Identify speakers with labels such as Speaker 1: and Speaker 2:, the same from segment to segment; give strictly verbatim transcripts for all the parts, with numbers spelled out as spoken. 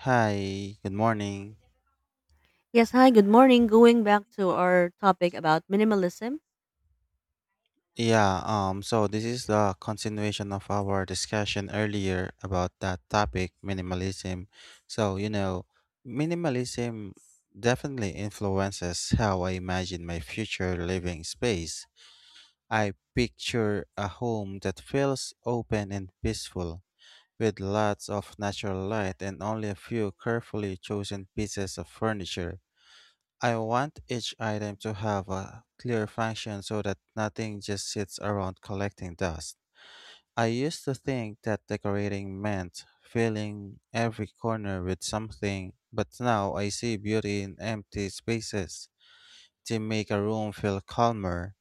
Speaker 1: Hi, good morning.
Speaker 2: Yes, hi, good morning. Going back to our topic about minimalism.
Speaker 1: Yeah, um so this is the continuation of our discussion earlier about that topic minimalism. So, you know, minimalism definitely influences how I imagine my future living space. I picture a home that feels open and peaceful with lots of natural light and only a few carefully chosen pieces of furniture. I want each item to have a clear function so that nothing just sits around collecting dust. I used to think that decorating meant filling every corner with something, but now I see beauty in empty spaces. They make a room feel calmer.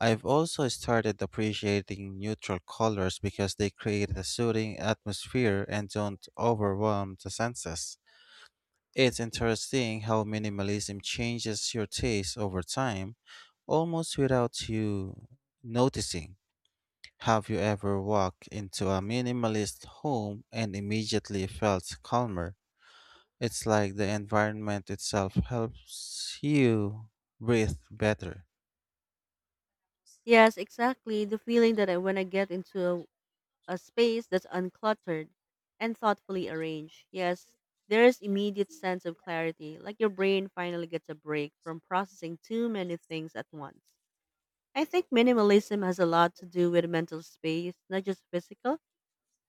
Speaker 1: I've also started appreciating neutral colors because they create a soothing atmosphere and don't overwhelm the senses. It's interesting how minimalism changes your taste over time, almost without you noticing. Have you ever walked into a minimalist home and immediately felt calmer? It's like the environment itself helps you breathe better.
Speaker 2: Yes, exactly. The feeling that I, when I get into a a space that's uncluttered and thoughtfully arranged. Yes, there is immediate sense of clarity, like your brain finally gets a break from processing too many things at once. I think minimalism has a lot to do with mental space, not just physical,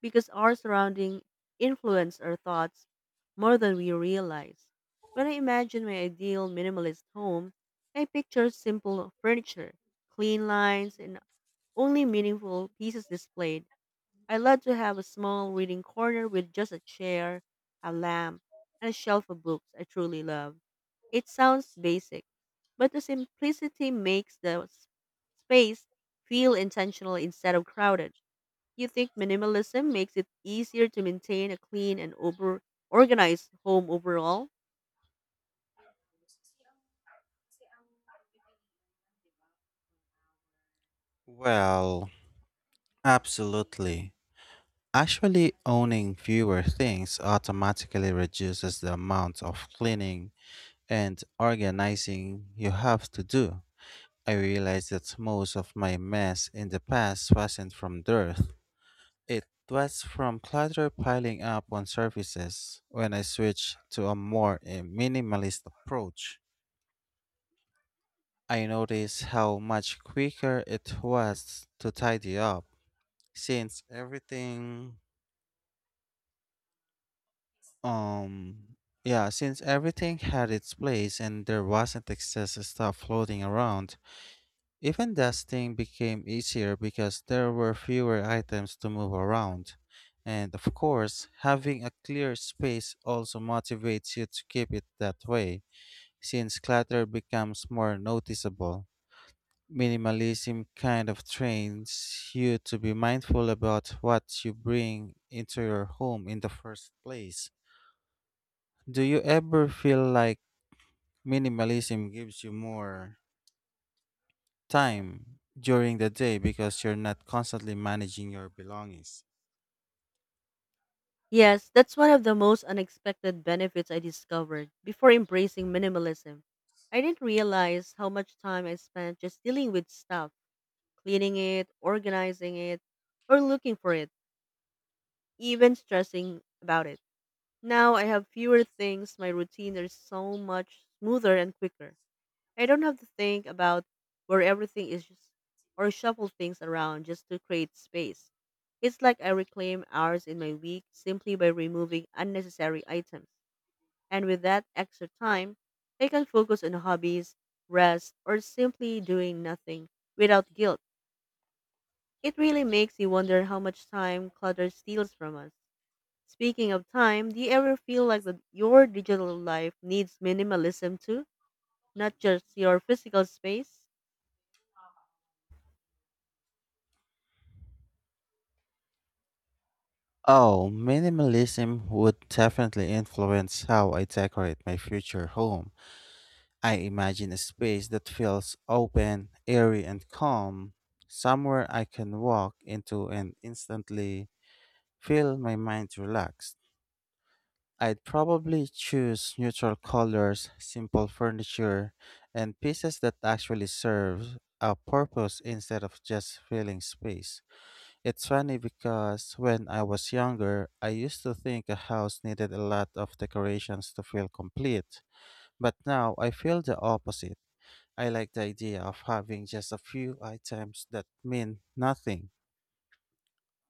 Speaker 2: because our surrounding influence our thoughts more than we realize. When I imagine my ideal minimalist home, I picture simple furniture, clean lines, and only meaningful pieces displayed. I love to have a small reading corner with just a chair, a lamp, and a shelf of books I truly love. It sounds basic, but the simplicity makes the s- space feel intentional instead of crowded. You think minimalism makes it easier to maintain a clean and over organized home overall?
Speaker 1: Well, absolutely. Actually, owning fewer things automatically reduces the amount of cleaning and organizing you have to do. I realized that most of my mess in the past wasn't from dirt. It was from clutter piling up on surfaces. When I switched to a more eh, minimalist approach, I noticed how much quicker it was to tidy up since everything um yeah, since everything had its place and there wasn't excess stuff floating around. Even dusting became easier because there were fewer items to move around. And of course, having a clear space also motivates you to keep it that way, since clutter becomes more noticeable. Minimalism kind of trains you to be mindful about what you bring into your home in the first place. Do you ever feel like minimalism gives you more time during the day because you're not constantly managing your belongings?
Speaker 2: Yes, that's one of the most unexpected benefits I discovered before embracing minimalism. I didn't realize how much time I spent just dealing with stuff, cleaning it, organizing it, or looking for it, even stressing about it. Now I have fewer things, my routine is so much smoother and quicker. I don't have to think about where everything is just or shuffle things around just to create space. It's like I reclaim hours in my week simply by removing unnecessary items. And with that extra time, I can focus on hobbies, rest, or simply doing nothing without guilt. It really makes you wonder how much time clutter steals from us. Speaking of time, do you ever feel like that your digital life needs minimalism too, not just your physical space?
Speaker 1: Oh, minimalism would definitely influence how I decorate my future home. I imagine a space that feels open, airy, and calm, somewhere I can walk into and instantly feel my mind relaxed. I'd probably choose neutral colors, simple furniture, and pieces that actually serve a purpose instead of just filling space. It's funny because when I was younger, I used to think a house needed a lot of decorations to feel complete, but now I feel the opposite. I like the idea of having just a few items that mean nothing.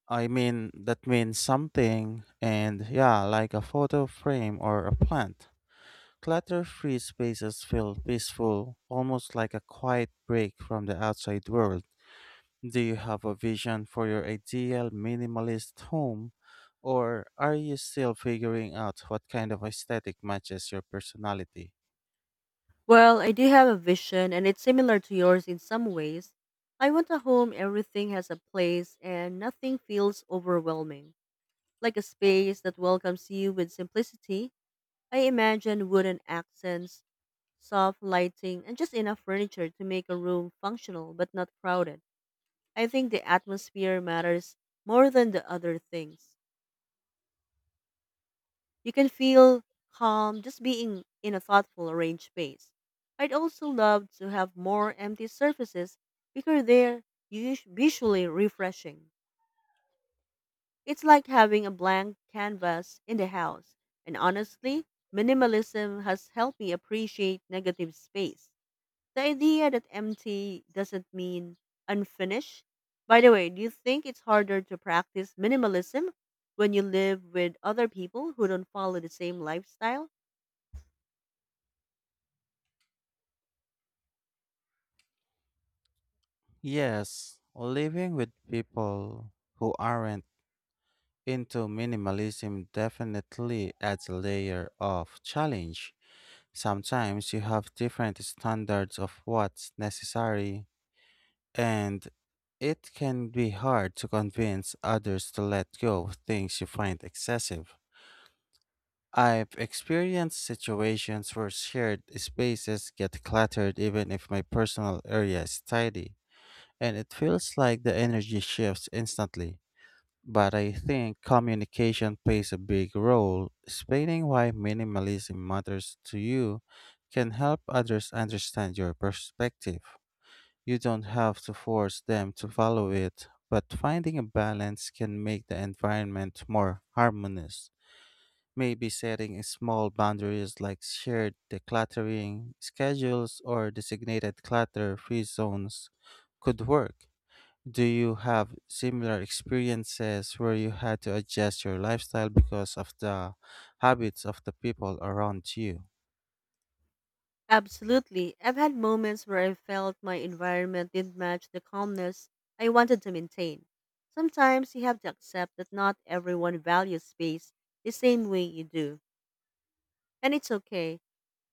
Speaker 1: I mean, that means something, and yeah, like a photo frame or a plant. Clutter free spaces feel peaceful, almost like a quiet break from the outside world. Do you have a vision for your ideal minimalist home, or are you still figuring out what kind of aesthetic matches your personality?
Speaker 2: Well, I do have a vision, and it's similar to yours in some ways. I want a home everything has a place and nothing feels overwhelming, like a space that welcomes you with simplicity. I imagine wooden accents, soft lighting, and just enough furniture to make a room functional but not crowded. I think the atmosphere matters more than the other things. You can feel calm just being in a thoughtful, arranged space. I'd also love to have more empty surfaces because they're us- visually refreshing. It's like having a blank canvas in the house. And honestly, minimalism has helped me appreciate negative space. The idea that empty doesn't mean unfinished. By the way, do you think it's harder to practice minimalism when you live with other people who don't follow the same lifestyle?
Speaker 1: Yes, living with people who aren't into minimalism definitely adds a layer of challenge. Sometimes you have different standards of what's necessary, and it can be hard to convince others to let go of things you find excessive. I've experienced situations where shared spaces get cluttered even if my personal area is tidy, and it feels like the energy shifts instantly. But I think communication plays a big role. Explaining why minimalism matters to you can help others understand your perspective. You don't have to force them to follow it, but finding a balance can make the environment more harmonious. Maybe setting small boundaries like shared decluttering schedules or designated clutter free zones could work. Do you have similar experiences where you had to adjust your lifestyle because of the habits of the people around you?
Speaker 2: Absolutely. I've had moments where I felt my environment didn't match the calmness I wanted to maintain. Sometimes you have to accept that not everyone values space the same way you do, and it's okay.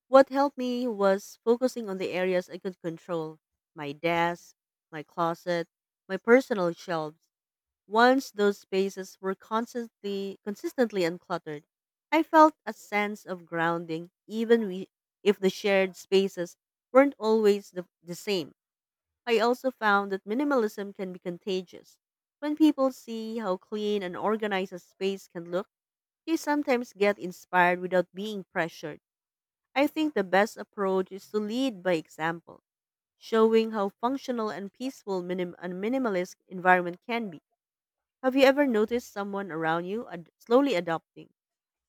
Speaker 2: What helped me was focusing on the areas I could control, my desk, my closet, my personal shelves. Once those spaces were constantly consistently uncluttered, I felt a sense of grounding even we, if the shared spaces weren't always the, the same. I also found that minimalism can be contagious. When people see how clean and organized a space can look, they sometimes get inspired without being pressured. I think the best approach is to lead by example, showing how functional and peaceful minim- a minimalist environment can be. Have you ever noticed someone around you ad- slowly adopting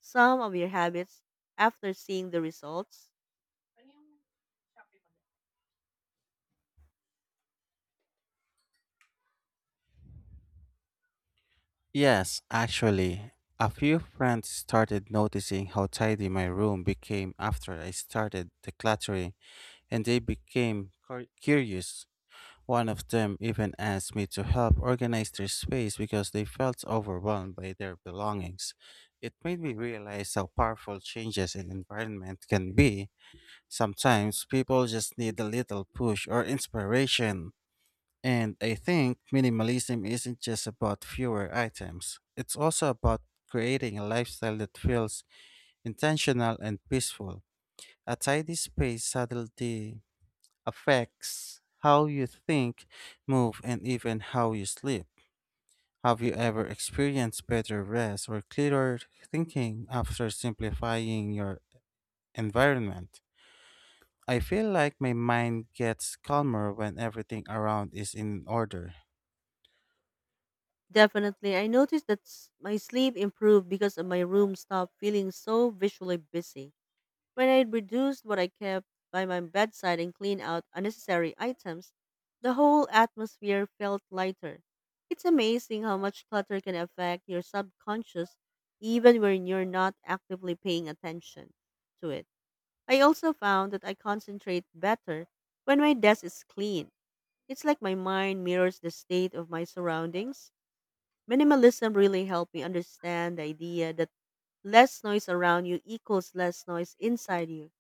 Speaker 2: some of your habits after seeing the results?
Speaker 1: Yes, actually, a few friends started noticing how tidy my room became after I started decluttering, and they became cur- curious. One of them even asked me to help organize their space because they felt overwhelmed by their belongings. It made me realize how powerful changes in environment can be. Sometimes people just need a little push or inspiration. And I think minimalism isn't just about fewer items, it's also about creating a lifestyle that feels intentional and peaceful. A tidy space subtly affects how you think, move, and even how you sleep. Have you ever experienced better rest or clearer thinking after simplifying your environment? I feel like my mind gets calmer when everything around is in order.
Speaker 2: Definitely. I noticed that s- my sleep improved because of my room stopped feeling so visually busy. When I reduced what I kept by my bedside and cleaned out unnecessary items, the whole atmosphere felt lighter. It's amazing how much clutter can affect your subconscious even when you're not actively paying attention to it. I also found that I concentrate better when my desk is clean. It's like my mind mirrors the state of my surroundings. Minimalism really helped me understand the idea that less noise around you equals less noise inside you.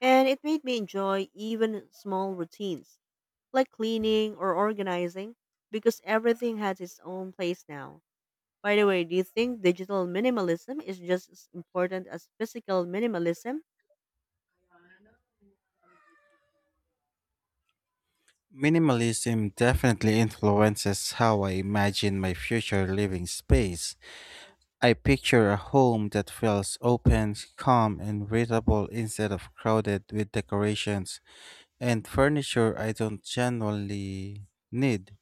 Speaker 2: And it made me enjoy even small routines like cleaning or organizing because everything has its own place now. By the way, do you think digital minimalism is just as important as physical minimalism?
Speaker 1: Minimalism definitely influences how I imagine my future living space. I picture a home that feels open, calm, and readable instead of crowded with decorations and furniture I don't generally need.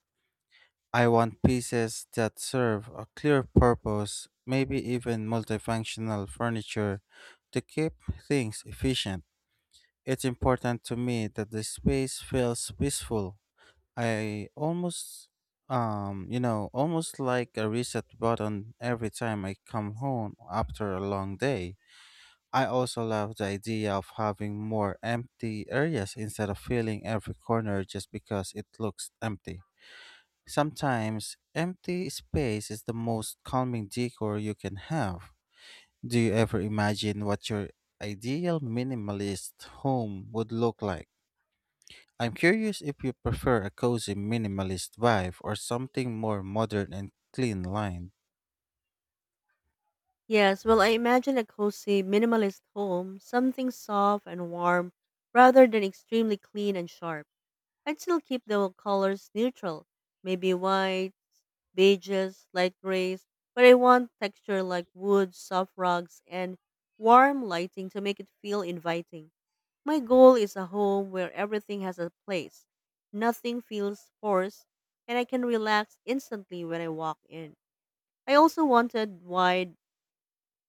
Speaker 1: I want pieces that serve a clear purpose, maybe even multifunctional furniture to keep things efficient. It's important to me that the space feels peaceful. I almost, um, you know, Almost like a reset button every time I come home after a long day. I also love the idea of having more empty areas instead of filling every corner just because it looks empty. Sometimes, empty space is the most calming decor you can have. Do you ever imagine what your ideal minimalist home would look like? I'm curious if you prefer a cozy minimalist vibe or something more modern and clean lined.
Speaker 2: Yes, well, I imagine a cozy, minimalist home, something soft and warm, rather than extremely clean and sharp. I'd still keep the colors neutral, maybe white, beiges, light grays, but I want texture like wood, soft rugs, and warm lighting to make it feel inviting. My goal is a home where everything has a place, nothing feels forced, and I can relax instantly when I walk in. I also wanted wide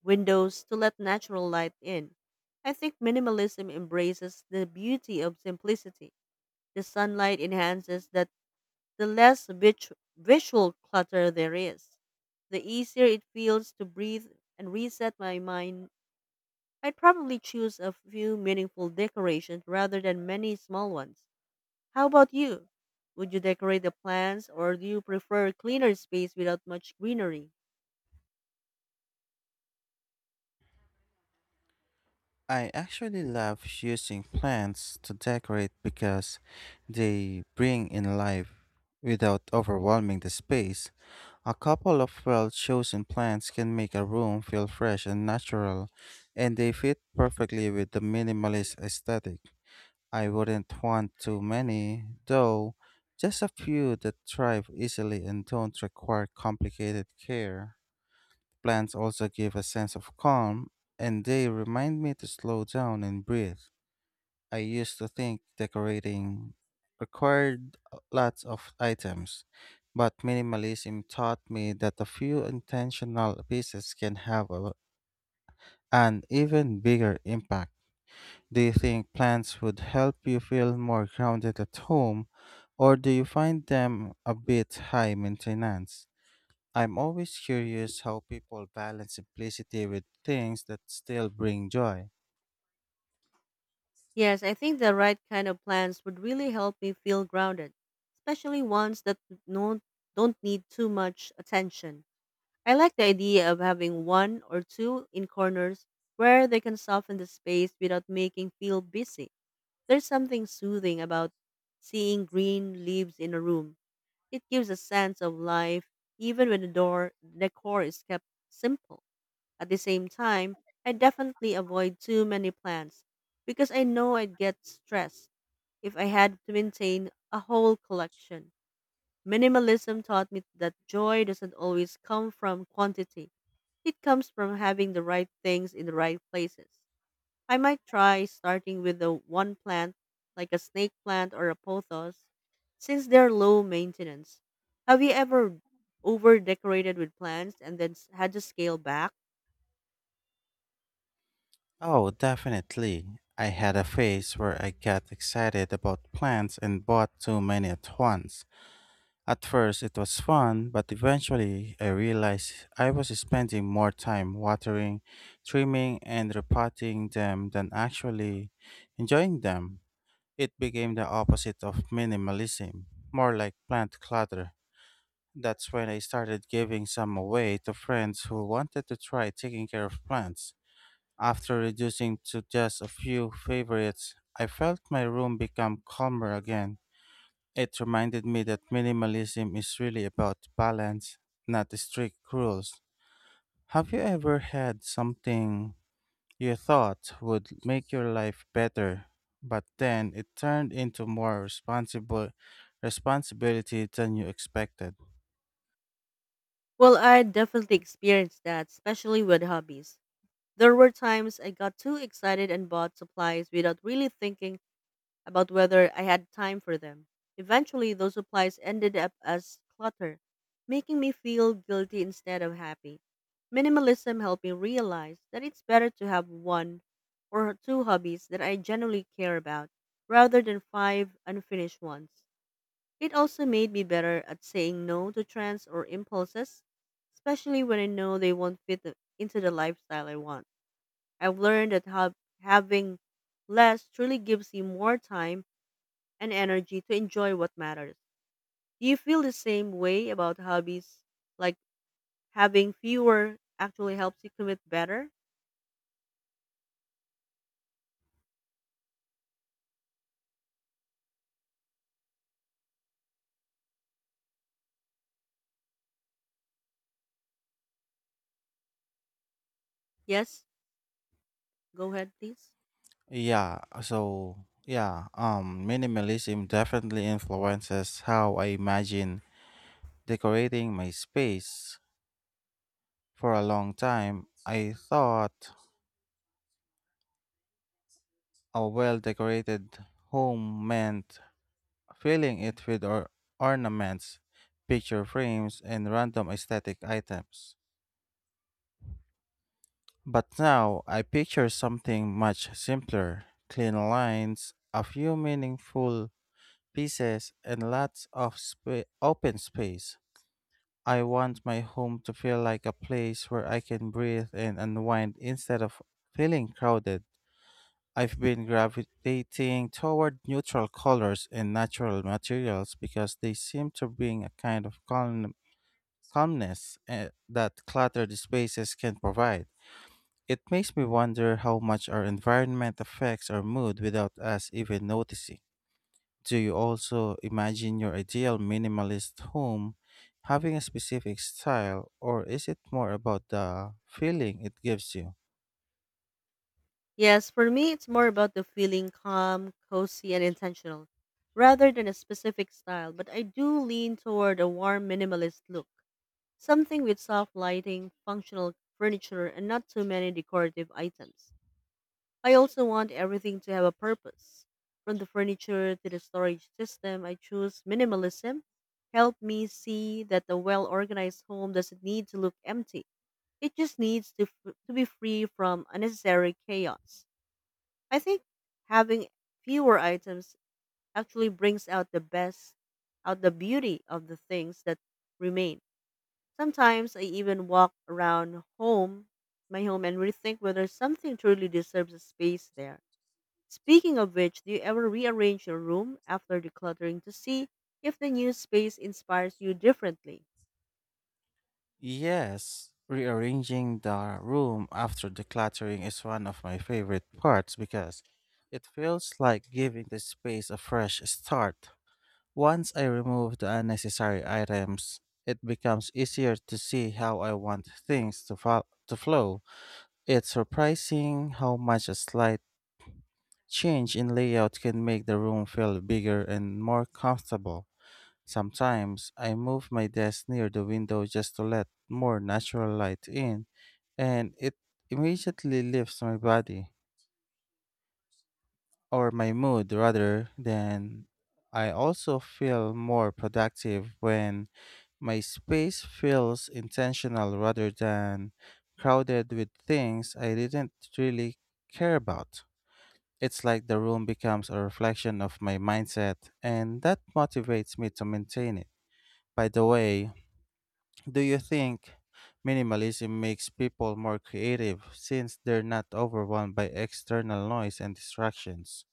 Speaker 2: windows to let natural light in. I think minimalism embraces the beauty of simplicity. The sunlight enhances that the less vit- visual clutter there is, the easier it feels to breathe and reset my mind. I'd probably choose a few meaningful decorations rather than many small ones. How about you? Would you decorate the plants or do you prefer a cleaner space without much greenery?
Speaker 1: I actually love using plants to decorate because they bring in life without overwhelming the space. A couple of well chosen plants can make a room feel fresh and natural, and they fit perfectly with the minimalist aesthetic. I wouldn't want too many, though, just a few that thrive easily and don't require complicated care. Plants also give a sense of calm, and they remind me to slow down and breathe. I used to think decorating required lots of items, but minimalism taught me that a few intentional pieces can have a, an even bigger impact. Do you think plants would help you feel more grounded at home, or do you find them a bit high maintenance? I'm always curious how people balance simplicity with things that still bring joy.
Speaker 2: Yes, I think the right kind of plants would really help me feel grounded, especially ones that don't, don't need too much attention. I like the idea of having one or two in corners where they can soften the space without making feel busy. There's something soothing about seeing green leaves in a room. It gives a sense of life even when the door decor is kept simple. At the same time, I definitely avoid too many plants because I know I'd get stressed if I had to maintain a whole collection. Minimalism taught me that joy doesn't always come from quantity. It comes from having the right things in the right places. I might try starting with the one plant, like a snake plant or a pothos, since they're low maintenance. Have you ever over decorated with plants and then s- had to scale back?
Speaker 1: Oh, definitely. I had a phase where I got excited about plants and bought too many at once. At first, it was fun, but eventually I realized I was spending more time watering, trimming, and repotting them than actually enjoying them. It became the opposite of minimalism, more like plant clutter. That's when I started giving some away to friends who wanted to try taking care of plants. After reducing to just a few favorites, I felt my room become calmer again. It reminded me that minimalism is really about balance, not strict rules. Have you ever had something you thought would make your life better, but then it turned into more responsible responsibility than you expected?
Speaker 2: Well, I definitely experienced that, especially with hobbies. There were times I got too excited and bought supplies without really thinking about whether I had time for them. Eventually, those supplies ended up as clutter, making me feel guilty instead of happy. Minimalism helped me realize that it's better to have one or two hobbies that I genuinely care about rather than five unfinished ones. It also made me better at saying no to trends or impulses, especially when I know they won't fit the, into the lifestyle I want. I've learned that hav- having less truly gives you more time and energy to enjoy what matters. Do you feel the same way about hobbies? Like having fewer actually helps you commit better? Yes, go ahead, please.
Speaker 1: Yeah, so yeah, um minimalism definitely influences how I imagine decorating my space. For a long time, I thought a well decorated home meant filling it with or- ornaments, picture frames, and random aesthetic items. But now I picture something much simpler: clean lines, a few meaningful pieces, and lots of spa- open space. I want my home to feel like a place where I can breathe and unwind instead of feeling crowded. I've been gravitating toward neutral colors and natural materials because they seem to bring a kind of calm, calmness, eh, that cluttered spaces can provide. It makes me wonder how much our environment affects our mood without us even noticing. Do you also imagine your ideal minimalist home having a specific style, or is it more about the feeling it gives you?
Speaker 2: Yes, for me, it's more about the feeling calm, cozy, and intentional, rather than a specific style. But I do lean toward a warm, minimalist look, something with soft lighting, functional furniture, and not too many decorative items. I also want everything to have a purpose. From the furniture to the storage system, I choose minimalism. Help me see that a well organized home doesn't need to look empty. It just needs to, f- to be free from unnecessary chaos. I think having fewer items actually brings out the best, out the beauty of the things that remain. Sometimes I even walk around home, my home, and rethink whether something truly deserves a space there. Speaking of which, do you ever rearrange your room after decluttering to see if the new space inspires you differently?
Speaker 1: Yes, rearranging the room after decluttering is one of my favorite parts because it feels like giving the space a fresh start. Once I remove the unnecessary items, it becomes easier to see how I want things to, fo- to flow. It's surprising how much a slight change in layout can make the room feel bigger and more comfortable. Sometimes I move my desk near the window just to let more natural light in, and it immediately lifts my body or my mood. Rather than, I also feel more productive when my space feels intentional rather than crowded with things I didn't really care about. It's like the room becomes a reflection of my mindset, and that motivates me to maintain it. By the way, do you think minimalism makes people more creative since they're not overwhelmed by external noise and distractions?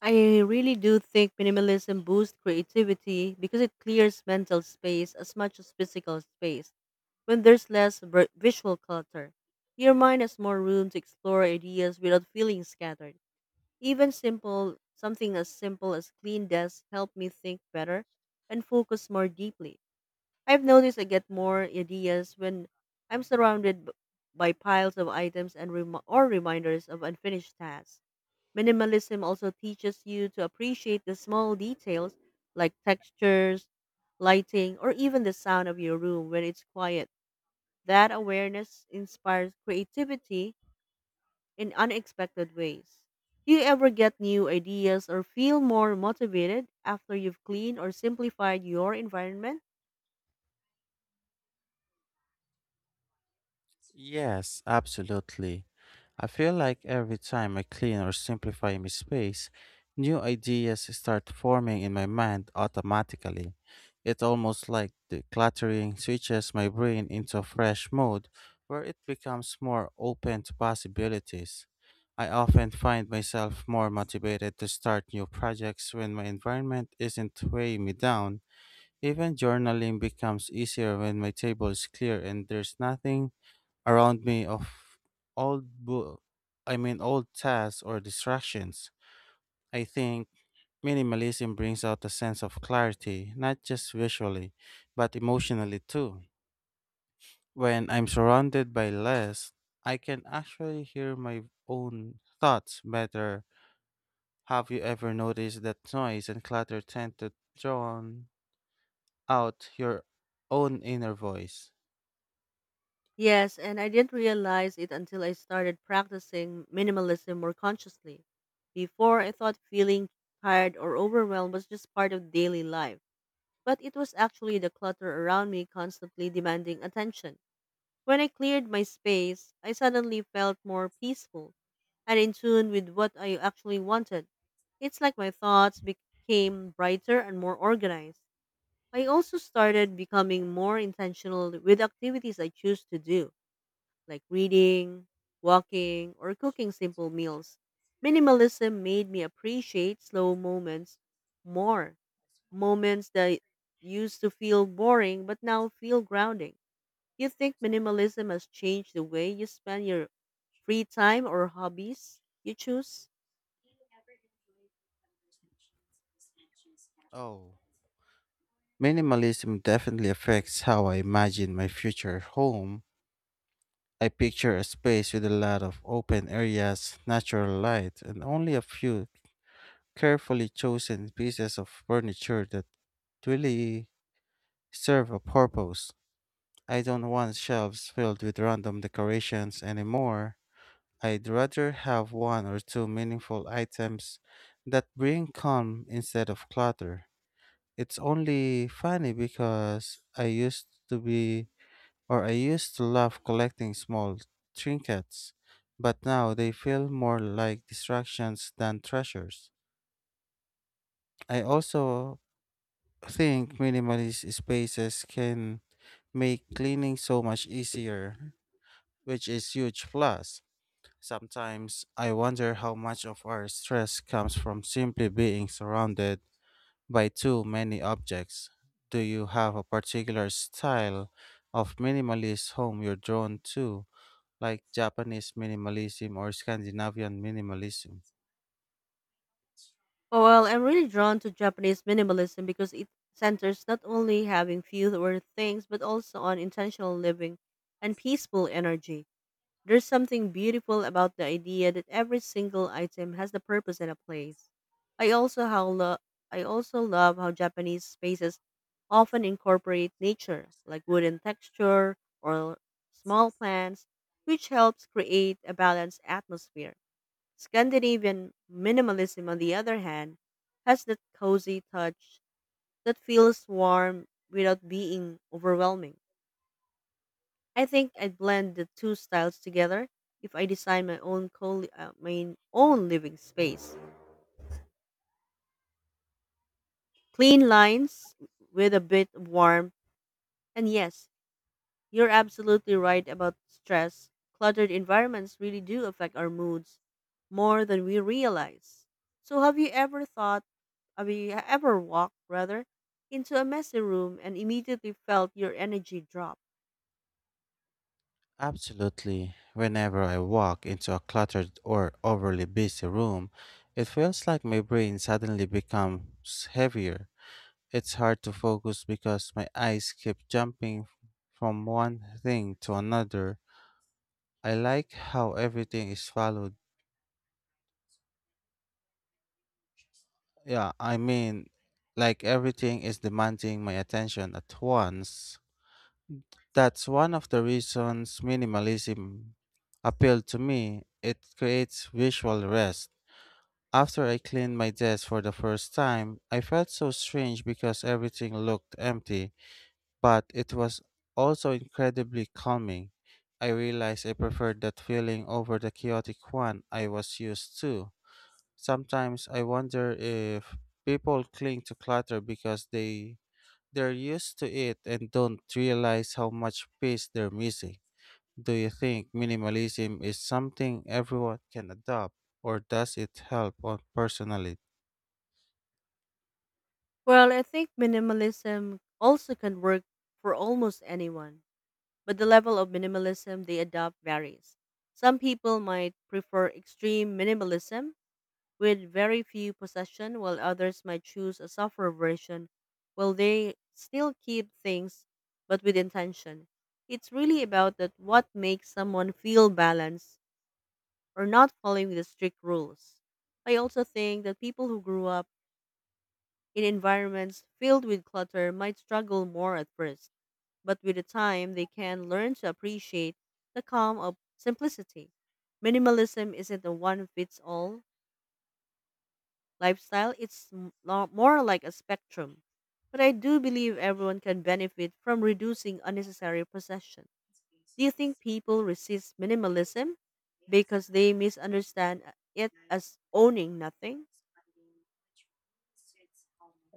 Speaker 2: I really do think minimalism boosts creativity because it clears mental space as much as physical space. When there's less vi- visual clutter, your mind has more room to explore ideas without feeling scattered. Even simple, something as simple as clean desk helped me think better and focus more deeply. I've noticed I get more ideas when I'm surrounded b- by piles of items and rem- or reminders of unfinished tasks. Minimalism also teaches you to appreciate the small details like textures, lighting, or even the sound of your room when it's quiet. That awareness inspires creativity in unexpected ways. Do you ever get new ideas or feel more motivated after you've cleaned or simplified your environment?
Speaker 1: Yes, absolutely. I feel like every time I clean or simplify my space, new ideas start forming in my mind automatically. It's almost like decluttering switches my brain into fresh mode where it becomes more open to possibilities. I often find myself more motivated to start new projects when my environment isn't weighing me down. Even journaling becomes easier when my table is clear and there's nothing around me of old book I mean old tasks or distractions. I think minimalism brings out a sense of clarity, not just visually, but emotionally too. When I'm surrounded by less, I can actually hear my own thoughts better. Have you ever noticed that noise and clutter tend to drown out your own inner voice?
Speaker 2: Yes, and I didn't realize it until I started practicing minimalism more consciously. Before, I thought feeling tired or overwhelmed was just part of daily life, but it was actually the clutter around me constantly demanding attention. When I cleared my space, I suddenly felt more peaceful and in tune with what I actually wanted. It's like my thoughts became brighter and more organized. I also started becoming more intentional with activities I choose to do like reading, walking, or cooking simple meals. Minimalism made me appreciate slow moments more, moments that used to feel boring but now feel grounding. Do you think minimalism has changed the way you spend your free time or hobbies you choose?
Speaker 1: Oh, minimalism definitely affects how I imagine my future home. I picture a space with a lot of open areas, natural light, and only a few carefully chosen pieces of furniture that really serve a purpose. I don't want shelves filled with random decorations anymore. I'd rather have one or two meaningful items that bring calm instead of clutter. It's only funny because I used to be or I used to love collecting small trinkets, but now they feel more like distractions than treasures. I also think minimalist spaces can make cleaning so much easier, which is huge plus. Sometimes I wonder how much of our stress comes from simply being surrounded by too many objects. Do you have a particular style of minimalist home you're drawn to, like Japanese minimalism or Scandinavian minimalism?
Speaker 2: Oh, well, I'm really drawn to Japanese minimalism because it centers not only having fewer things but also on intentional living and peaceful energy. There's something beautiful about the idea that every single item has the purpose and a place. I also how lo- I also love how Japanese spaces often incorporate nature, like wooden texture or small plants, which helps create a balanced atmosphere. Scandinavian minimalism, on the other hand, has that cozy touch that feels warm without being overwhelming. I think I'd blend the two styles together if I design my own co- uh, my own living space. Clean lines with a bit of warmth. And yes, you're absolutely right about stress. Cluttered environments really do affect our moods more than we realize. So have you ever thought have you e-, ever walked rather into a messy room and immediately felt your energy drop?
Speaker 1: Absolutely. Whenever I walk into a cluttered or overly busy room, it feels like my brain suddenly becomes heavier. It's hard to focus because my eyes keep jumping f- from one thing to another. I like how everything is followed. Yeah, I mean, like everything is demanding my attention at once. That's one of the reasons minimalism appealed to me. It creates visual rest. After I cleaned my desk for the first time, I felt so strange because everything looked empty. But it was also incredibly calming. I realized I preferred that feeling over the chaotic one I was used to. Sometimes I wonder if people cling to clutter because they they're used to it and don't realize how much peace they're missing. Do you think minimalism is something everyone can adopt or does it help on personally?
Speaker 2: Well, I think minimalism also can work for almost anyone but the level of minimalism they adopt varies. Some people might prefer extreme minimalism with very few possession, while others might choose a softer version while they still keep things but with intention. It's really about that what makes someone feel balanced or not following the strict rules. I also think that people who grew up in environments filled with clutter might struggle more at first, but with the time they can learn to appreciate the calm of simplicity. Minimalism isn't a one fits all lifestyle, it's m- lo- more like a spectrum. But I do believe everyone can benefit from reducing unnecessary possession. Do you think people resist minimalism because they misunderstand it as owning nothing?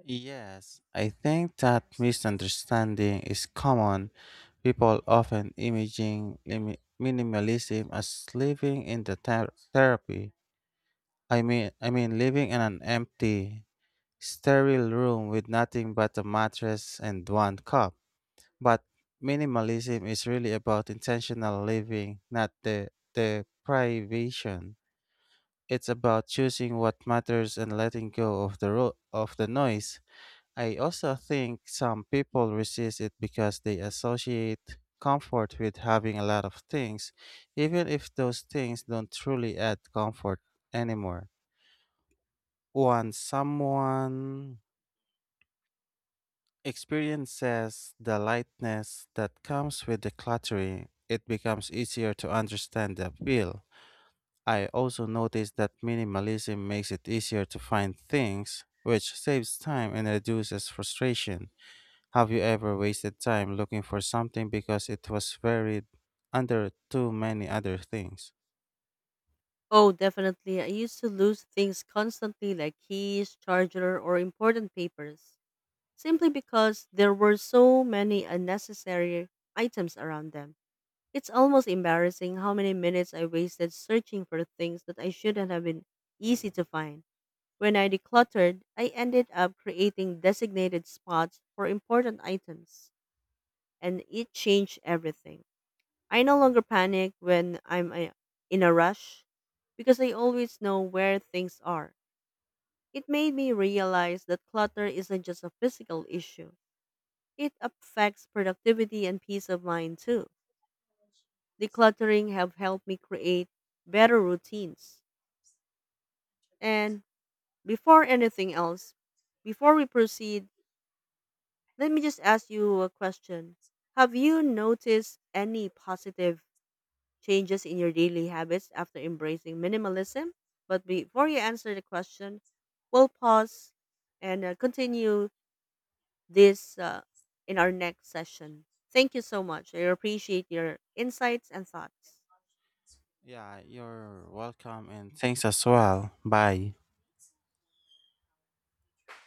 Speaker 1: Yes, I think that misunderstanding is common. People often imaging limi- minimalism as living in the ther- therapy. I mean, I mean living in an empty, sterile room with nothing but a mattress and one cup. But minimalism is really about intentional living, not the the privation. It's about choosing what matters and letting go of the ro- of the noise. I also think some people resist it because they associate comfort with having a lot of things, even if those things don't truly add comfort anymore. Once someone experiences the lightness that comes with decluttering, it becomes easier to understand the appeal. I also noticed that minimalism makes it easier to find things, which saves time and reduces frustration. Have you ever wasted time looking for something because it was buried under too many other things?
Speaker 2: Oh, definitely. I used to lose things constantly like keys, charger, or important papers, simply because there were so many unnecessary items around them. It's almost embarrassing how many minutes I wasted searching for things that I shouldn't have been easy to find. When I decluttered, I ended up creating designated spots for important items, and it changed everything. I no longer panic when I'm uh, in a rush because I always know where things are. It made me realize that clutter isn't just a physical issue. It affects productivity and peace of mind too. Decluttering have helped me create better routines. And before anything else, before we proceed, let me just ask you a question. Have you noticed any positive changes in your daily habits after embracing minimalism? But before you answer the question, we'll pause and uh, continue this uh, in our next session. Thank you so much. I appreciate your insights and thoughts.
Speaker 1: Yeah, you're welcome and thanks as well. Bye.